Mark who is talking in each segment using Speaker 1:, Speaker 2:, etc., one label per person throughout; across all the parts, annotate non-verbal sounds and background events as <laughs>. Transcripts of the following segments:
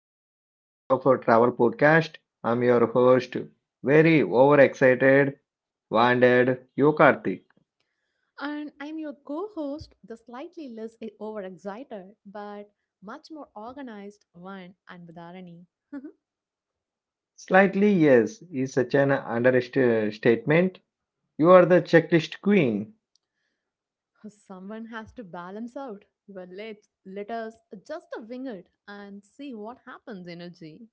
Speaker 1: back to another episode of our travel podcast. I'm your host, very overexcited, wounded Yokarthi.
Speaker 2: And I'm your co host, the slightly less overexcited, but much more organized one, and Anbudharani. <laughs>
Speaker 1: Slightly yes is such an understatement. You are the checklist queen.
Speaker 2: Someone has to balance out. Well, let us just wing it and see what happens, energy.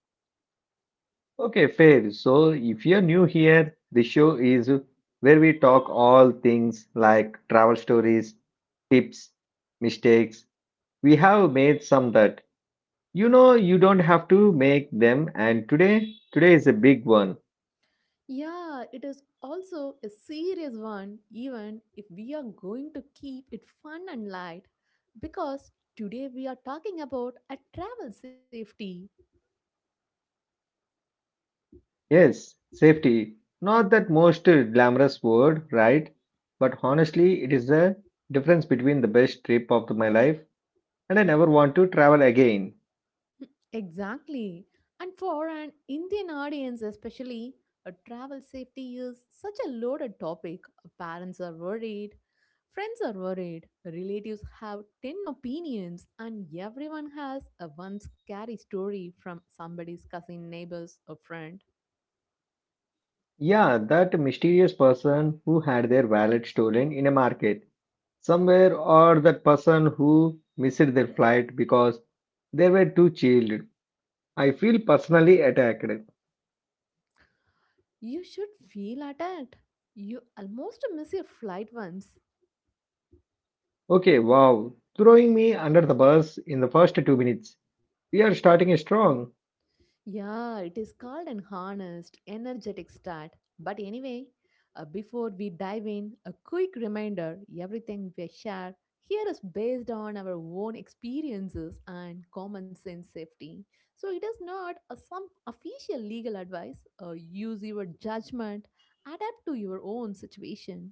Speaker 1: Okay, fair. So if you're new here, the show is where we talk all things like travel stories, tips, mistakes. We have made some that you don't have to make them, and today is a big one.
Speaker 2: Yeah, it is also a serious one, even if we are going to keep it fun and light. Because today we are talking about a travel safety.
Speaker 1: Yes, safety. Not that most glamorous word, right? But honestly, it is the difference between the best trip of my life and I never want to travel again.
Speaker 2: Exactly. And for an Indian audience, especially, a travel safety is such a loaded topic. Parents are worried, friends are worried, relatives have 10 opinions, and everyone has a one scary story from somebody's cousin, neighbors, or friend.
Speaker 1: Yeah, that mysterious person who had their wallet stolen in a market somewhere, or that person who missed their flight because they were too chilled. I feel personally attacked.
Speaker 2: You should feel attacked. You almost miss your flight once.
Speaker 1: Okay, wow. Throwing me under the bus in the first 2 minutes. We are starting strong.
Speaker 2: Yeah, it is called an honest, energetic start. But anyway, before we dive in, a quick reminder: everything we share here is based on our own experiences and common sense safety. So it is not a, some official legal advice. Use your judgment, adapt to your own situation.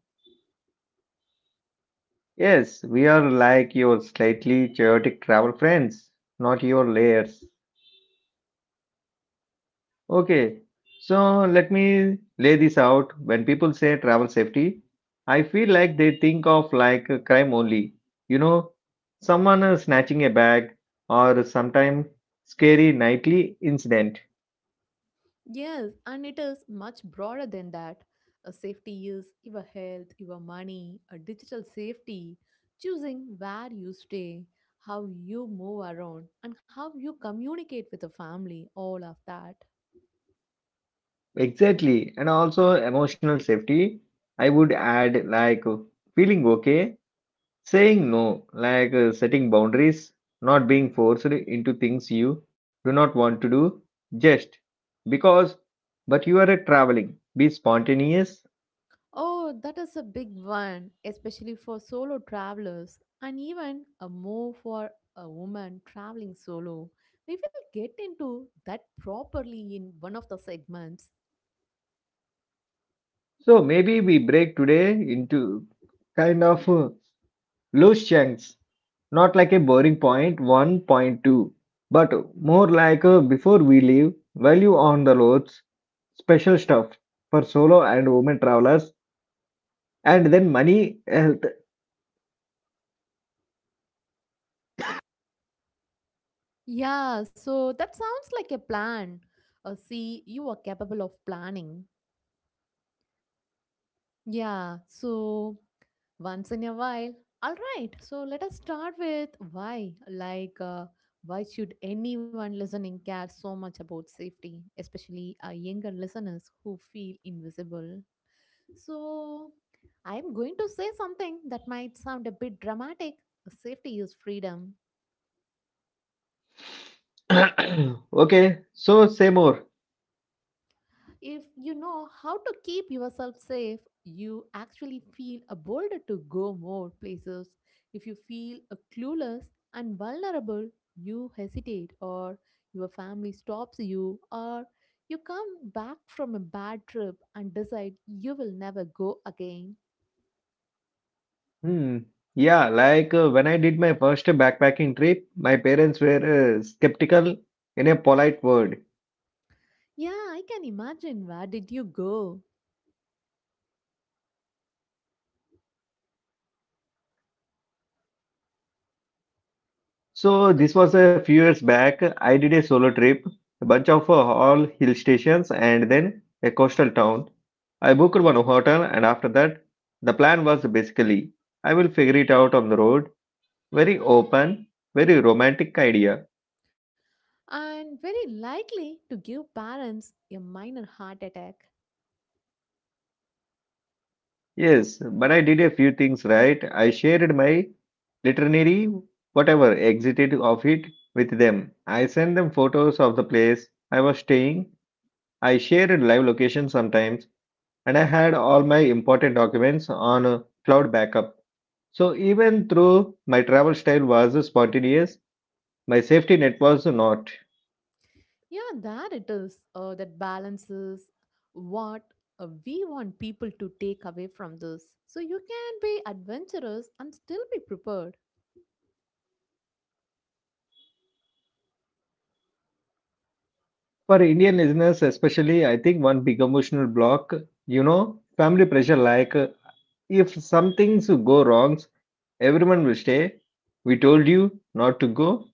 Speaker 1: Yes, we are like your slightly chaotic travel friends, not your layers. Okay, so let me lay this out. When people say travel safety, I feel like they think of like a crime only. You know, someone snatching a bag or sometime scary nightly incident.
Speaker 2: Yes, and it is much broader than that. A safety is your health, your money, a digital safety, choosing where you stay, how you move around, and how you communicate with the family, all of that.
Speaker 1: Exactly, and also emotional safety. I would add like feeling okay saying no, like setting boundaries, not being forced into things you do not want to do just because, but you are traveling. Be spontaneous.
Speaker 2: Oh, that is a big one, especially for solo travelers, and even a more for a woman traveling solo. We will get into that properly in one of the segments.
Speaker 1: So maybe we break today into kind of loose chunks, not like a boring point one, point two, but more like before we leave, value on the roads, special stuff for solo and women travelers, and then money, health.
Speaker 2: Yeah, so that sounds like a plan. See, you are capable of planning. Yeah, so once in a while. All right, so let us start with why. Why should anyone listening care so much about safety, especially younger listeners who feel invisible? So, I'm going to say something that might sound a bit dramatic. Safety is freedom.
Speaker 1: <coughs> <clears throat> Okay, so say more.
Speaker 2: If you know how to keep yourself safe, you actually feel a bolder to go more places. If you feel a clueless and vulnerable, you hesitate, or your family stops you, or you come back from a bad trip and decide you will never go again.
Speaker 1: Hmm. Yeah, like when I did my first backpacking trip, my parents were skeptical, in a polite word.
Speaker 2: Yeah, I can imagine. Where did you go?
Speaker 1: So
Speaker 2: So,
Speaker 1: this was a few years back. I did a solo trip, a bunch of all hill stations and then a coastal town. I booked one hotel and after that, the plan was basically I will figure it out on the road. Very open, very romantic idea.
Speaker 2: and very likely to give parents a minor heart attack.
Speaker 1: Yes, but I did a few things right. I shared my literary, whatever, exited of it with them. I sent them photos of the place I was staying. I shared live location sometimes, and I had all my important documents on a cloud backup. So even though my travel style was spontaneous, my safety net was not.
Speaker 2: Yeah, that it is. That balances what we want people to take away from this. So you can be adventurous and still be prepared.
Speaker 1: For Indian listeners, especially, I think one big emotional block, you know, family pressure like if some things go wrong, everyone will stay. We told you not to go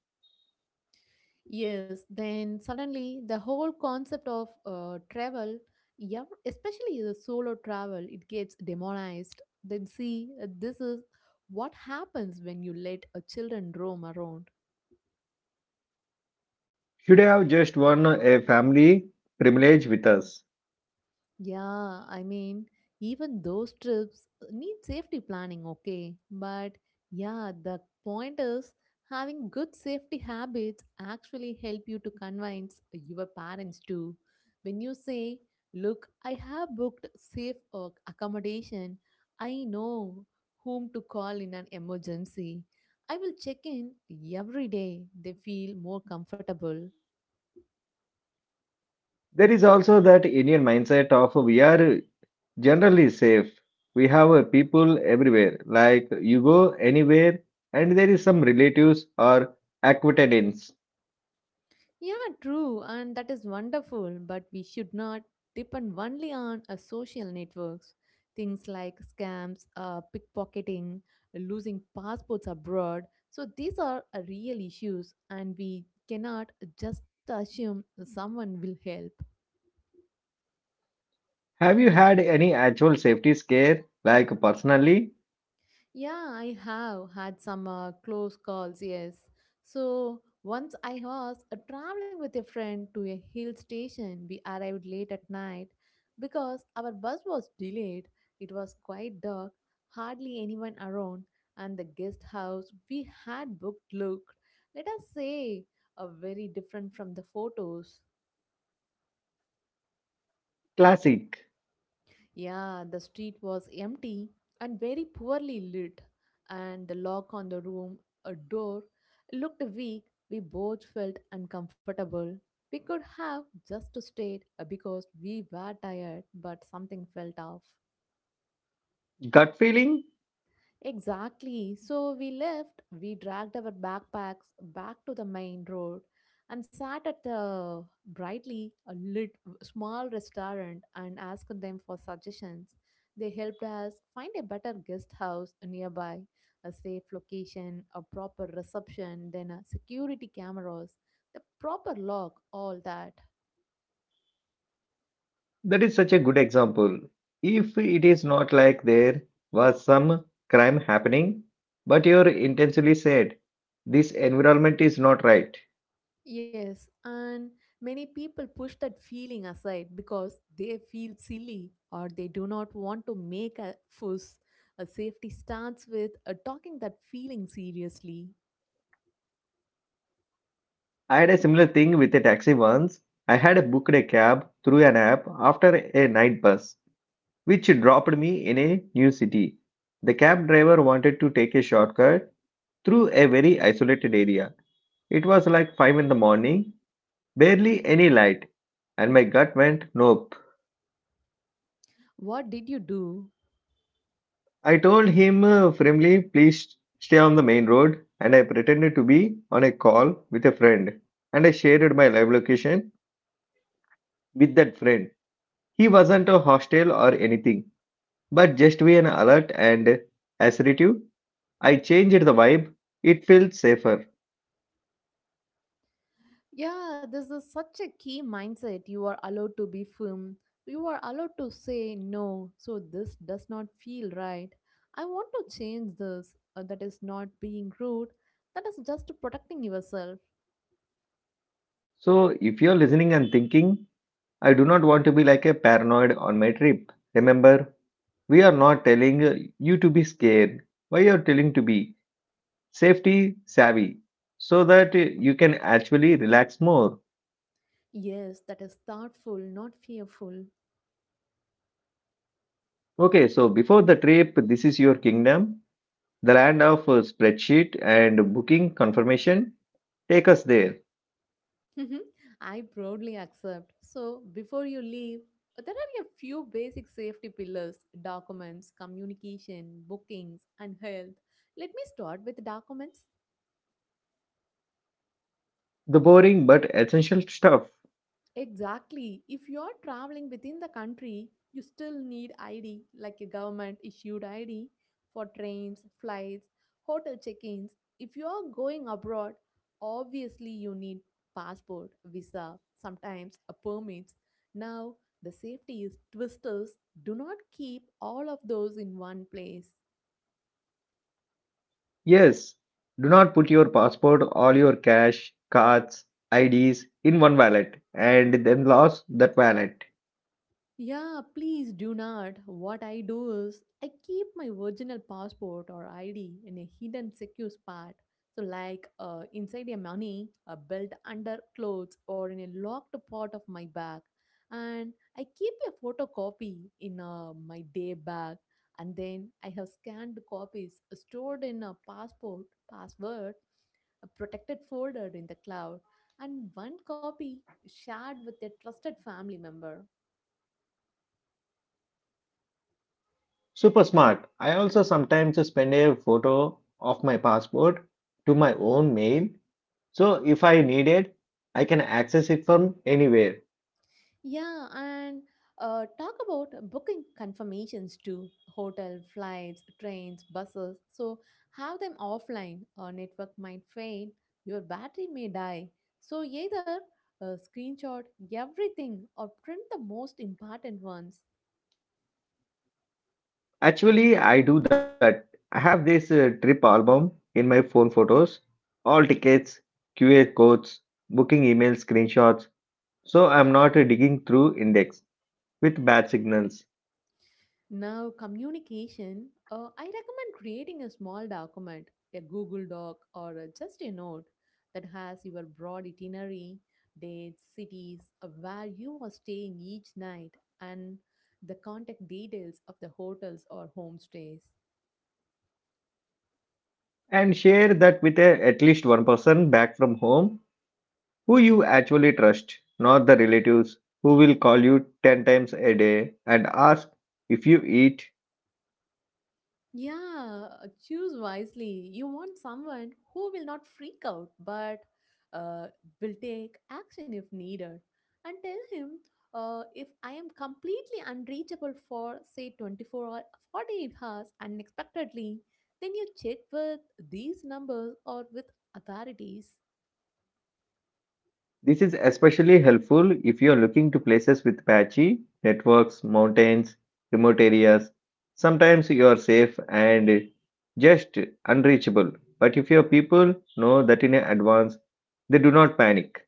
Speaker 2: Yes, then suddenly the whole concept of travel, yeah, especially the solo travel, it gets demonized. Then see, this is what happens when you let a children roam around.
Speaker 1: should have just won a family privilege with us.
Speaker 2: Yeah, I mean, even those trips need safety planning, okay? But yeah, the point is having good safety habits actually help you to convince your parents too. When you say, look, I have booked safe accommodation, I know whom to call in an emergency. I will check in every day. They feel more comfortable.
Speaker 1: There is also that Indian mindset of we are generally safe. We have people everywhere. Like you go anywhere and there is some relatives or acquaintance.
Speaker 2: Yeah, true, and that is wonderful, but we should not depend only on social networks. Things like scams, pickpocketing, losing passports abroad. So these are real issues, and we cannot just assume someone will help.
Speaker 1: Have you had any actual safety scare like personally?
Speaker 2: Yeah, I have had some close calls, yes. So once I was traveling with a friend to a hill station. We arrived late at night because our bus was delayed. It was quite dark, hardly anyone around, and the guest house we had booked looked, let us say, very different from the photos.
Speaker 1: Classic.
Speaker 2: Yeah, the street was empty and very poorly lit, and the lock on the room, a door, looked weak. We both felt uncomfortable. We could have just stayed because we were tired, but something felt off.
Speaker 1: Gut feeling?
Speaker 2: Exactly. So we left, we dragged our backpacks back to the main road and sat at the brightly a lit small restaurant and asked them for suggestions. They helped us find a better guest house nearby, a safe location, a proper reception, then a security cameras, the proper lock, all that.
Speaker 1: That is such a good example. If it is not like there was some crime happening, but you're intentionally said, this environment is not right.
Speaker 2: Yes, and many people push that feeling aside because they feel silly or they do not want to make a fuss. A safety starts with talking that feeling seriously.
Speaker 1: I had a similar thing with a taxi once. I had booked a cab through an app after a night bus, which dropped me in a new city. The cab driver wanted to take a shortcut through a very isolated area. It was like 5 in the morning, barely any light, and my gut went, nope.
Speaker 2: What did you do?
Speaker 1: I told him firmly, please stay on the main road, and I pretended to be on a call with a friend. And I shared my live location with that friend. He wasn't a hostile or anything, but just be an alert and assertive, I changed the vibe. It felt safer.
Speaker 2: Yeah, this is such a key mindset. You are allowed to be firm. You are allowed to say no. So this does not feel right. I want to change this. That is not being rude. That is just protecting yourself.
Speaker 1: So if you're listening and thinking, I do not want to be like a paranoid on my trip, remember, we are not telling you to be scared. Why you are telling to be safety savvy so that you can actually relax more.
Speaker 2: Yes, that is thoughtful, not fearful.
Speaker 1: Okay, so before the trip, this is your kingdom, the land of spreadsheet and booking confirmation. Take us there.
Speaker 2: <laughs> I proudly accept. So before you leave, there are a few basic safety pillars: documents, communication, bookings, and health. Let me start with documents.
Speaker 1: The boring but essential stuff.
Speaker 2: Exactly. If you're traveling within the country, you still need ID, like a government issued ID for trains, flights, hotel check-ins. If you're going abroad, obviously you need passport, visa, sometimes a permits. Now, the safety is twisters. Do not keep all of those in one place.
Speaker 1: Yes, do not put your passport, all your cash, cards, IDs in one wallet and then lost that wallet.
Speaker 2: Yeah, please do not. What I do is I keep my original passport or ID in a hidden secure spot. So, like inside a money, a belt under clothes, or in a locked part of my bag. And I keep a photocopy in my day bag. And then I have scanned copies stored in a passport, password, a protected folder in the cloud, and one copy shared with a trusted family member.
Speaker 1: Super smart. I also sometimes spend a photo of my passport to my own mail. So if I need it, I can access it from anywhere.
Speaker 2: Yeah, and talk about booking confirmations too: hotel, flights, trains, buses. So have them offline. Our network might fail, your battery may die. So either screenshot everything or print the most important ones.
Speaker 1: Actually, I do that. I have this trip album in my phone photos, all tickets, QR codes, booking email screenshots. So I'm not digging through index with bad signals.
Speaker 2: Now, communication, I recommend creating a small document, a Google Doc, or just a note that has your broad itinerary, dates, cities, where you are staying each night, and the contact details of the hotels or homestays.
Speaker 1: And share that with at least one person back from home who you actually trust, not the relatives who will call you 10 times a day and ask if you eat.
Speaker 2: Yeah, choose wisely. You want someone who will not freak out but uh, will take action if needed. And tell him if I am completely unreachable for, say, 24 or 48 hours unexpectedly, then you check with these numbers or with authorities.
Speaker 1: This is especially helpful if you are looking to places with patchy networks, mountains, remote areas. Sometimes you are safe and just unreachable. But if your people know that in advance, they do not panic.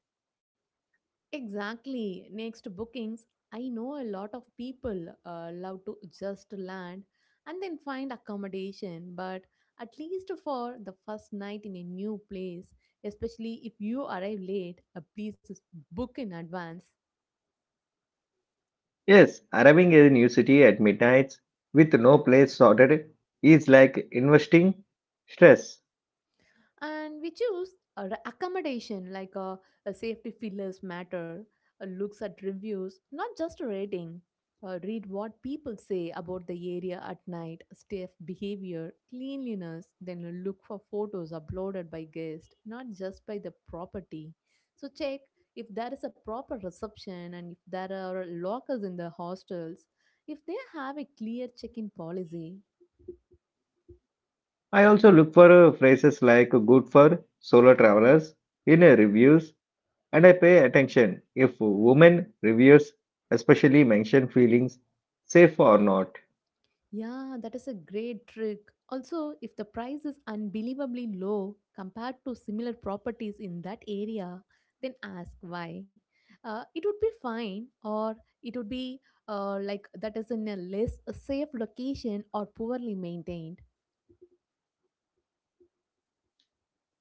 Speaker 2: Exactly. Next, bookings. I know a lot of people love to just land and then find accommodation, but at least for the first night in a new place, especially if you arrive late, please book in advance.
Speaker 1: Yes, arriving in a new city at midnight with no place sorted is like investing stress.
Speaker 2: And we choose accommodation like a safety feelers matter, looks at reviews, not just a rating. Read what people say about the area at night, staff behavior, cleanliness. Then look for photos uploaded by guests, not just by the property. So check if there is a proper reception and if there are lockers in the hostels, if they have a clear check in policy.
Speaker 1: I also look for phrases like good for solo travelers in reviews. And I pay attention if women reviewers especially mention feelings, safe or not.
Speaker 2: Yeah, that is a great trick. Also, if the price is unbelievably low compared to similar properties in that area, then ask why. It would be fine, or it would be like that is in a less safe location or poorly maintained.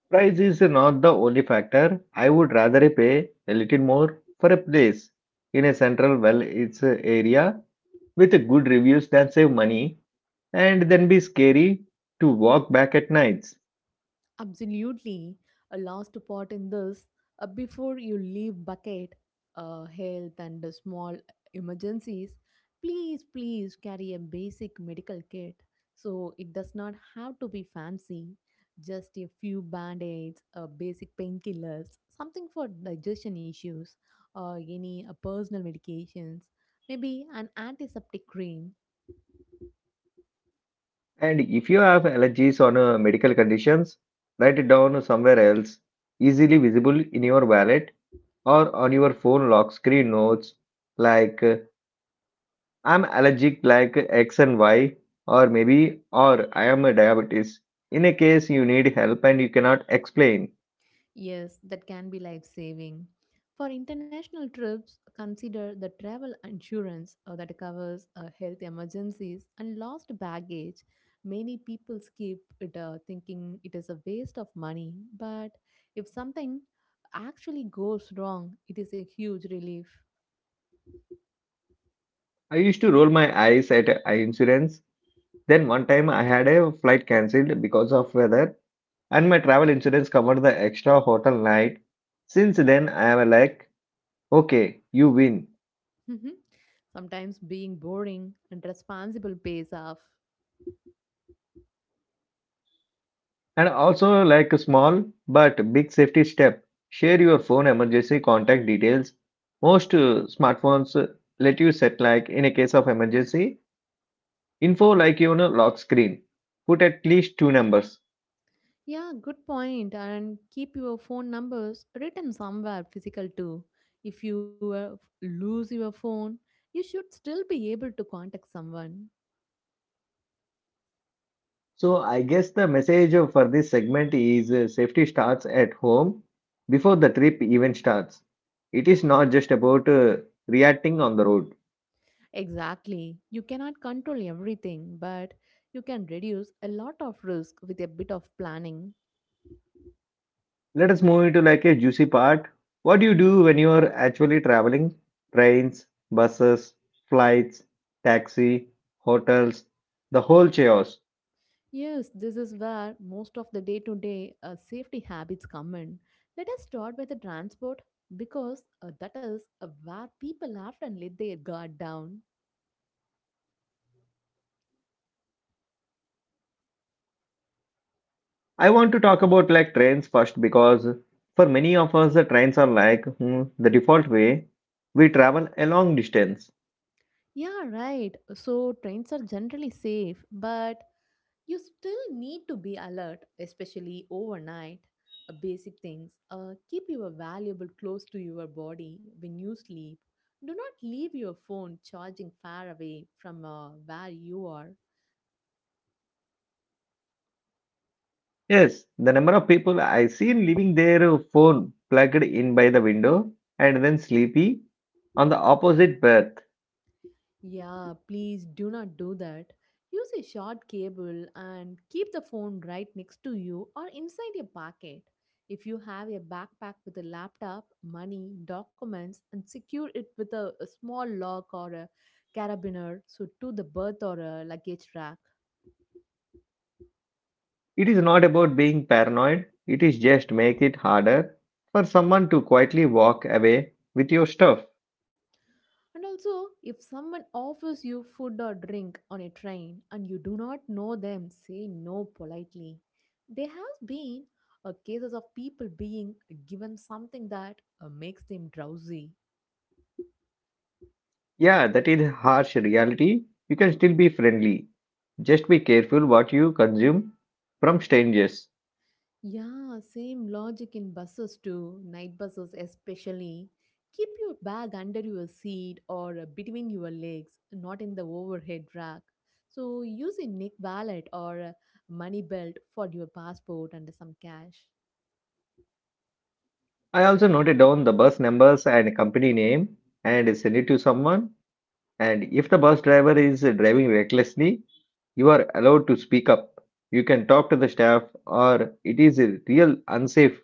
Speaker 1: Price is not the only factor. I would rather pay a little more for a place in a central well its area with good reviews than save money and then be scary to walk back at nights.
Speaker 2: Absolutely. A last part in this before you leave bucket, health, and small emergencies, please, please carry a basic medical kit. So it does not have to be fancy, just a few band aids, basic painkillers, something for digestion issues, or any personal medications, maybe an antiseptic cream.
Speaker 1: And if you have allergies or medical conditions, write it down somewhere else, easily visible in your wallet or on your phone lock screen notes like I'm allergic like X and Y, or maybe, or I am a diabetes. In a case you need help and you cannot explain.
Speaker 2: Yes, that can be life saving. For international trips, consider the travel insurance that covers health emergencies and lost baggage. Many people skip it thinking it is a waste of money, but if something actually goes wrong, it is a huge relief.
Speaker 1: I used to roll my eyes at eye insurance. Then one time I had a flight cancelled because of weather, and my travel insurance covered the extra hotel night. Since then I am like, okay, you win.
Speaker 2: Mhm. Sometimes being boring and responsible pays off.
Speaker 1: And also, like a small but big safety step, share your phone emergency contact details. Most smartphones let you set like in a case of emergency info like lock screen. Put at least two numbers.
Speaker 2: Yeah, good point. And keep your phone numbers written somewhere physical too. If you lose your phone, you should still be able to contact someone.
Speaker 1: So I guess the message for this segment is safety starts at home before the trip even starts. It is not just about reacting on the road.
Speaker 2: Exactly. You cannot control everything, but you can reduce a lot of risk with a bit of planning.
Speaker 1: Let us move into like a juicy part. What do you do when you are actually traveling? Trains, buses, flights, taxi, hotels, the whole chaos.
Speaker 2: Yes, this is where most of the day to day safety habits come in. Let us start with the transport because that is where people often let their guard down.
Speaker 1: I want to talk about like trains first because for many of us the trains are like hmm, the default way we travel a long distance.
Speaker 2: Yeah, right. So trains are generally safe, but you still need to be alert, especially overnight. Basic things, keep your valuable close to your body when you sleep. Do not leave your phone charging far away from where you are.
Speaker 1: Yes, the number of people I seen leaving their phone plugged in by the window and then sleepy on the opposite berth.
Speaker 2: Yeah, please do not do that. Use a short cable and keep the phone right next to you or inside your pocket. If you have a backpack with a laptop, money, documents, and secure it with a small lock or a carabiner, so to the berth or a luggage rack.
Speaker 1: It is not about being paranoid, it is just make it harder for someone to quietly walk away with your stuff.
Speaker 2: And also, if someone offers you food or drink on a train and you do not know them, say no politely. There have been cases of people being given something that makes them drowsy.
Speaker 1: Yeah, that is a harsh reality. You can still be friendly. Just be careful what you consume from strangers.
Speaker 2: Yeah, same logic in buses too, night buses especially. Keep your bag under your seat or between your legs, not in the overhead rack. So use a neck wallet or a money belt for your passport and some cash.
Speaker 1: I also noted down the bus numbers and company name and send it to someone. And if the bus driver is driving recklessly, you are allowed to speak up. You can talk to the staff, or it is a real unsafe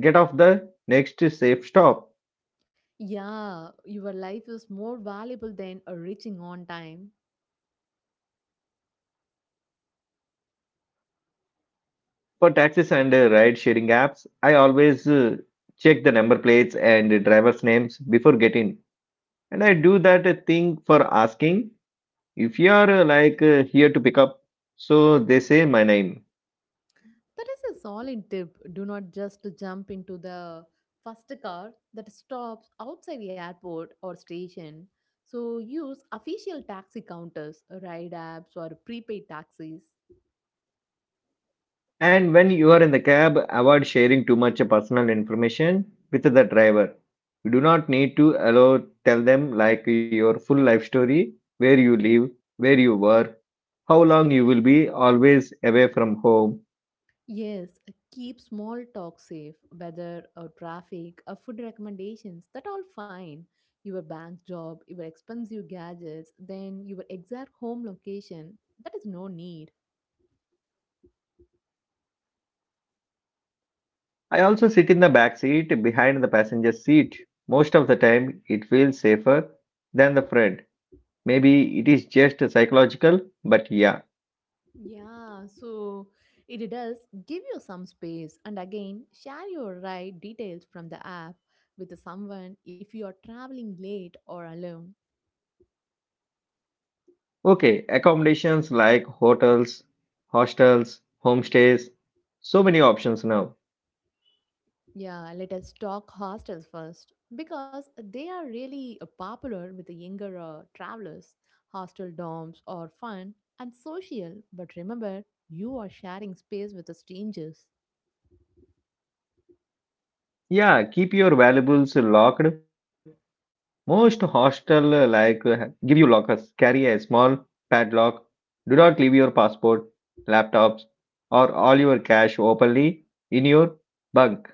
Speaker 1: get off the next safe stop.
Speaker 2: Yeah, your life is more valuable than reaching on time.
Speaker 1: For taxis and ride-sharing apps, I always check the number plates and driver's names before getting. And I do that thing for asking if you are here to pick up. So they say my name.
Speaker 2: That is a solid tip. Do not just jump into the first car that stops outside the airport or station. So use official taxi counters, ride apps, or prepaid taxis.
Speaker 1: And when you are in the cab, avoid sharing too much personal information with the driver. You do not need to allow tell them like your full life story, where you live, where you work, how long you will be always away from home.
Speaker 2: Yes, keep small talk safe, weather or traffic or food recommendations, that all fine. Your bank job, your expensive gadgets, then your exact home location, that is no need.
Speaker 1: I also sit in the back seat behind the passenger seat. Most of the time, it feels safer than the front. Maybe it is just psychological, but yeah.
Speaker 2: Yeah, so it does give you some space and again share your ride details from the app with someone if you are traveling late or alone.
Speaker 1: Okay, accommodations like hotels, hostels, homestays, so many options now.
Speaker 2: Yeah, let us talk hostels first because they are really popular with the younger travelers. Hostel dorms are fun and social, but remember, you are sharing space with the strangers.
Speaker 1: Yeah, keep your valuables locked. Most hostel give you lockers. Carry a small padlock. Do not leave your passport, laptops, or all your cash openly in your bunk.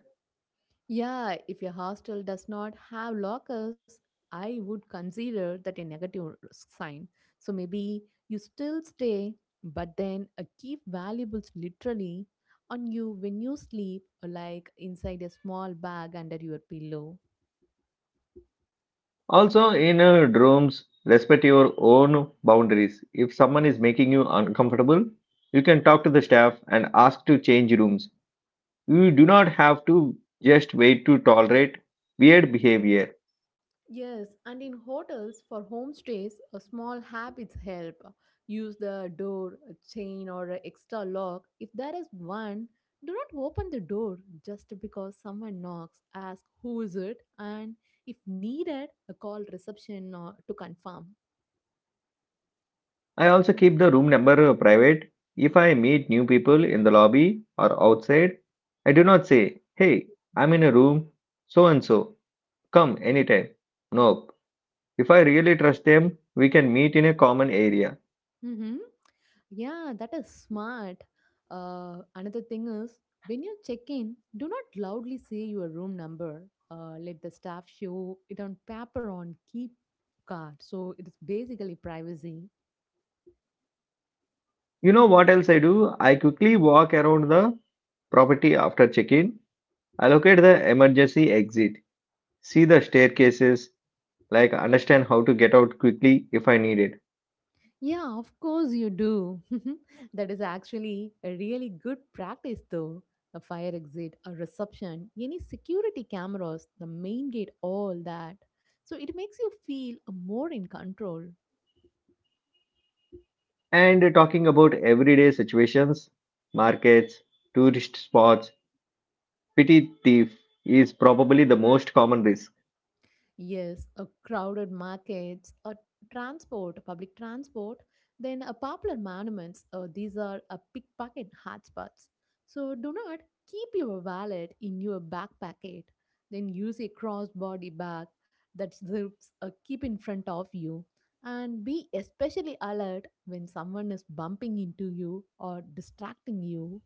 Speaker 2: Yeah, if your hostel does not have lockers, I would consider that a negative sign. So maybe you still stay, but then keep valuables literally on you when you sleep, like inside a small bag under your pillow?
Speaker 1: Also, in rooms, respect your own boundaries. If someone is making you uncomfortable, you can talk to the staff and ask to change rooms. You do not have to just wait to tolerate weird behavior.
Speaker 2: Yes, and in hotels for homestays, a small habits help. Use the door, a chain, or an extra lock. If there is one, do not open the door just because someone knocks. Ask who is it, and if needed, a call reception to confirm.
Speaker 1: I also keep the room number private. If I meet new people in the lobby or outside, I do not say, "Hey, I'm in a room, so and so, come anytime." Nope. If I really trust them, we can meet in a common area.
Speaker 2: Mm-hmm. Yeah, that is smart. Another thing is when you check in, do not loudly say your room number. Let the staff show it on paper on key card. So it is basically privacy.
Speaker 1: You know what else I do? I quickly walk around the property after check in, allocate the emergency exit, see the staircases, like understand how to get out quickly if I need it.
Speaker 2: Yeah, of course you do. <laughs> That is actually a really good practice, though. A fire exit, a reception, any security cameras, the main gate, all that. So it makes you feel more in control.
Speaker 1: And talking about everyday situations, markets, tourist spots, petty thief is probably the most common risk.
Speaker 2: Yes, a crowded markets, a transport, public transport, then a popular monuments. These are a pickpocket hotspots. So do not keep your wallet in your back pocket. Then use a crossbody bag that zips keep in front of you, and be especially alert when someone is bumping into you or distracting you.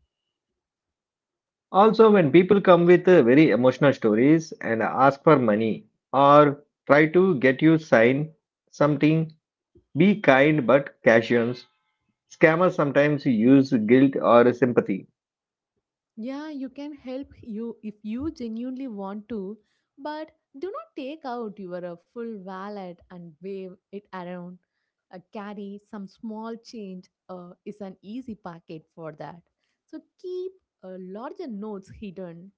Speaker 1: Also, when people come with very emotional stories and ask for money or try to get you sign something, be kind but casual. Scammers sometimes use guilt or sympathy.
Speaker 2: Yeah, you can help you if you genuinely want to, but do not take out your full wallet and wave it around. Carry some small change is an easy packet for that. So keep larger notes hidden.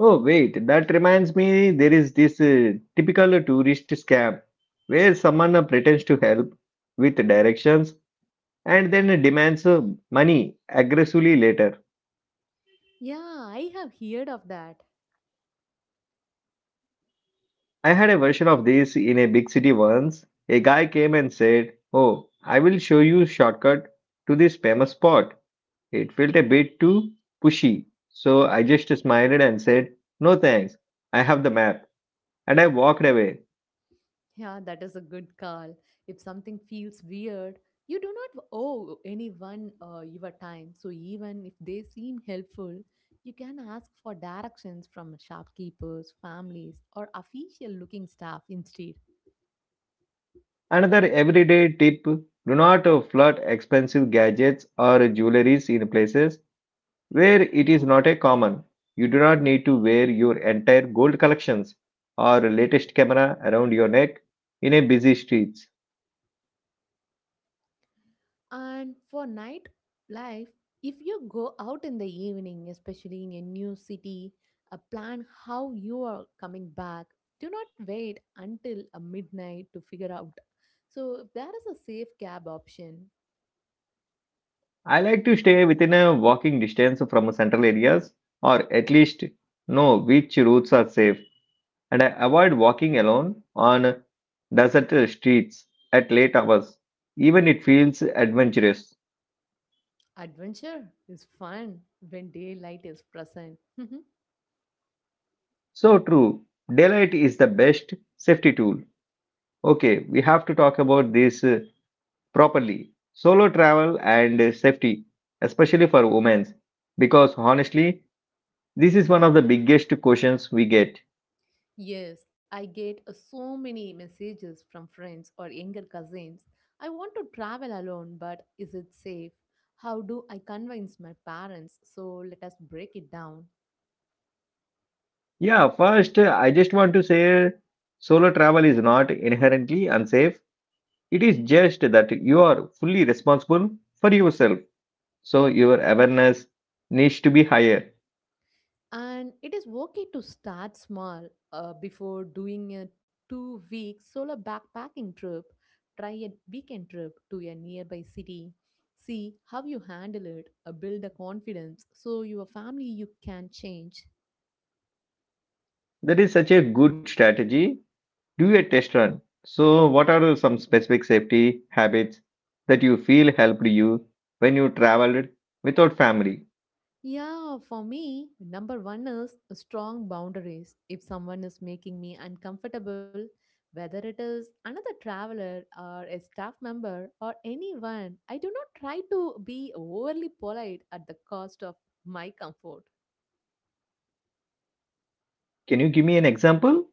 Speaker 1: Oh, wait, that reminds me there is this typical tourist scam where someone pretends to help with directions and then demands money aggressively later.
Speaker 2: Yeah, I have heard of that.
Speaker 1: I had a version of this in a big city once. A guy came and said, "Oh, I will show you shortcut to this famous spot." It felt a bit too pushy, so I just smiled and said, "No thanks. I have the map." And I walked away.
Speaker 2: Yeah, that is a good call. If something feels weird, you do not owe anyone your time. So even if they seem helpful, you can ask for directions from shopkeepers, families, or official looking staff instead.
Speaker 1: Another everyday tip: do not flood expensive gadgets or jewelries in places where it is not a common, you do not need to wear your entire gold collections or latest camera around your neck in a busy streets.
Speaker 2: And for night life, if you go out in the evening, especially in a new city, plan how you are coming back. Do not wait until a midnight to figure out. So there is a safe cab option.
Speaker 1: I like to stay within a walking distance from central areas or at least know which routes are safe and I avoid walking alone on desert streets at late hours. Even it feels adventurous.
Speaker 2: Adventure is fun when daylight is present. <laughs>
Speaker 1: So true. Daylight is the best safety tool. Okay, we have to talk about this properly, solo travel and safety, especially for women. Because honestly, this is one of the biggest questions we get.
Speaker 2: Yes, I get so many messages from friends or younger cousins. I want to travel alone, but is it safe? How do I convince my parents? So let us break it down.
Speaker 1: Yeah, first, I just want to say solo travel is not inherently unsafe. It is just that you are fully responsible for yourself. So your awareness needs to be higher.
Speaker 2: And it is okay to start small before doing a 2 week solo backpacking trip. Try a weekend trip to a nearby city. See how you handle it, build a confidence so your family you can change.
Speaker 1: That is such a good strategy, do a test run. So, what are some specific safety habits that you feel helped you when you traveled without family?
Speaker 2: Yeah, for me, number one is strong boundaries. If someone is making me uncomfortable, whether it is another traveler or a staff member or anyone, I do not try to be overly polite at the cost of my comfort.
Speaker 1: Can you give me an example?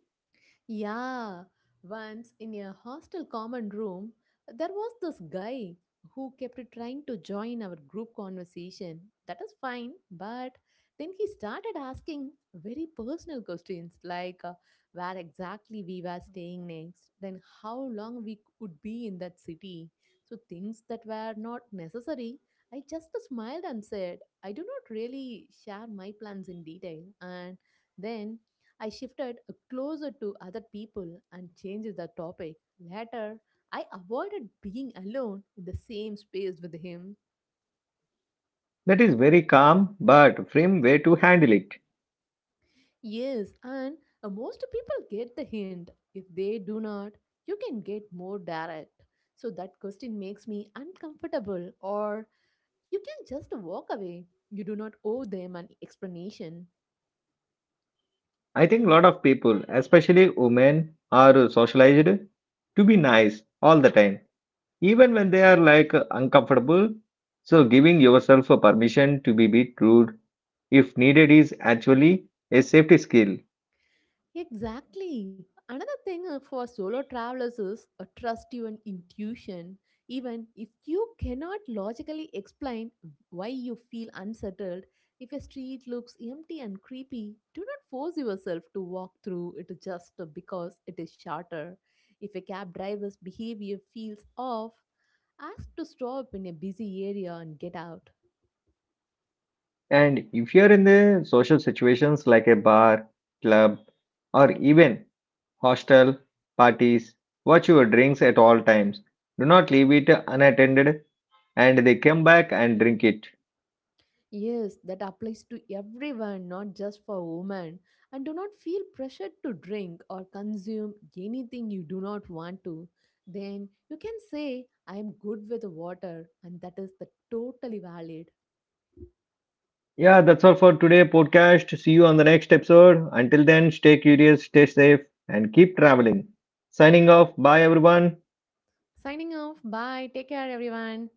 Speaker 2: Yeah, once in a hostel common room, there was this guy who kept trying to join our group conversation. That is fine, but then he started asking very personal questions like where exactly we were staying next, then how long we would be in that city. So, things that were not necessary. I just smiled and said, I do not really share my plans in detail. And then I shifted closer to other people and changed the topic. Later, I avoided being alone in the same space with him.
Speaker 1: That is very calm, but firm way to handle it.
Speaker 2: Yes, and most people get the hint. If they do not, you can get more direct. So that question makes me uncomfortable, or you can just walk away. You do not owe them an explanation.
Speaker 1: I think a lot of people, especially women, are socialized to be nice all the time, even when they are like uncomfortable. So, giving yourself a permission to be bit rude if needed is actually a safety skill.
Speaker 2: Exactly. Another thing for solo travelers is trust your intuition. Even if you cannot logically explain why you feel unsettled, if a street looks empty and creepy, do not force yourself to walk through it just because it is shorter. If a cab driver's behavior feels off, ask to stop in a busy area and get out.
Speaker 1: And if you're in the social situations like a bar, club, or even hostel, parties, watch your drinks at all times. Do not leave it unattended and they come back and drink it.
Speaker 2: Yes, that applies to everyone, not just for women. And do not feel pressured to drink or consume anything you do not want to. Then you can say, I am good with water, and that is the totally valid.
Speaker 1: Yeah, that's all for today podcast. See you on the next episode. Until then, stay curious, stay safe, and keep traveling. Signing off. Bye, everyone.
Speaker 2: Signing off. Bye. Take care, everyone.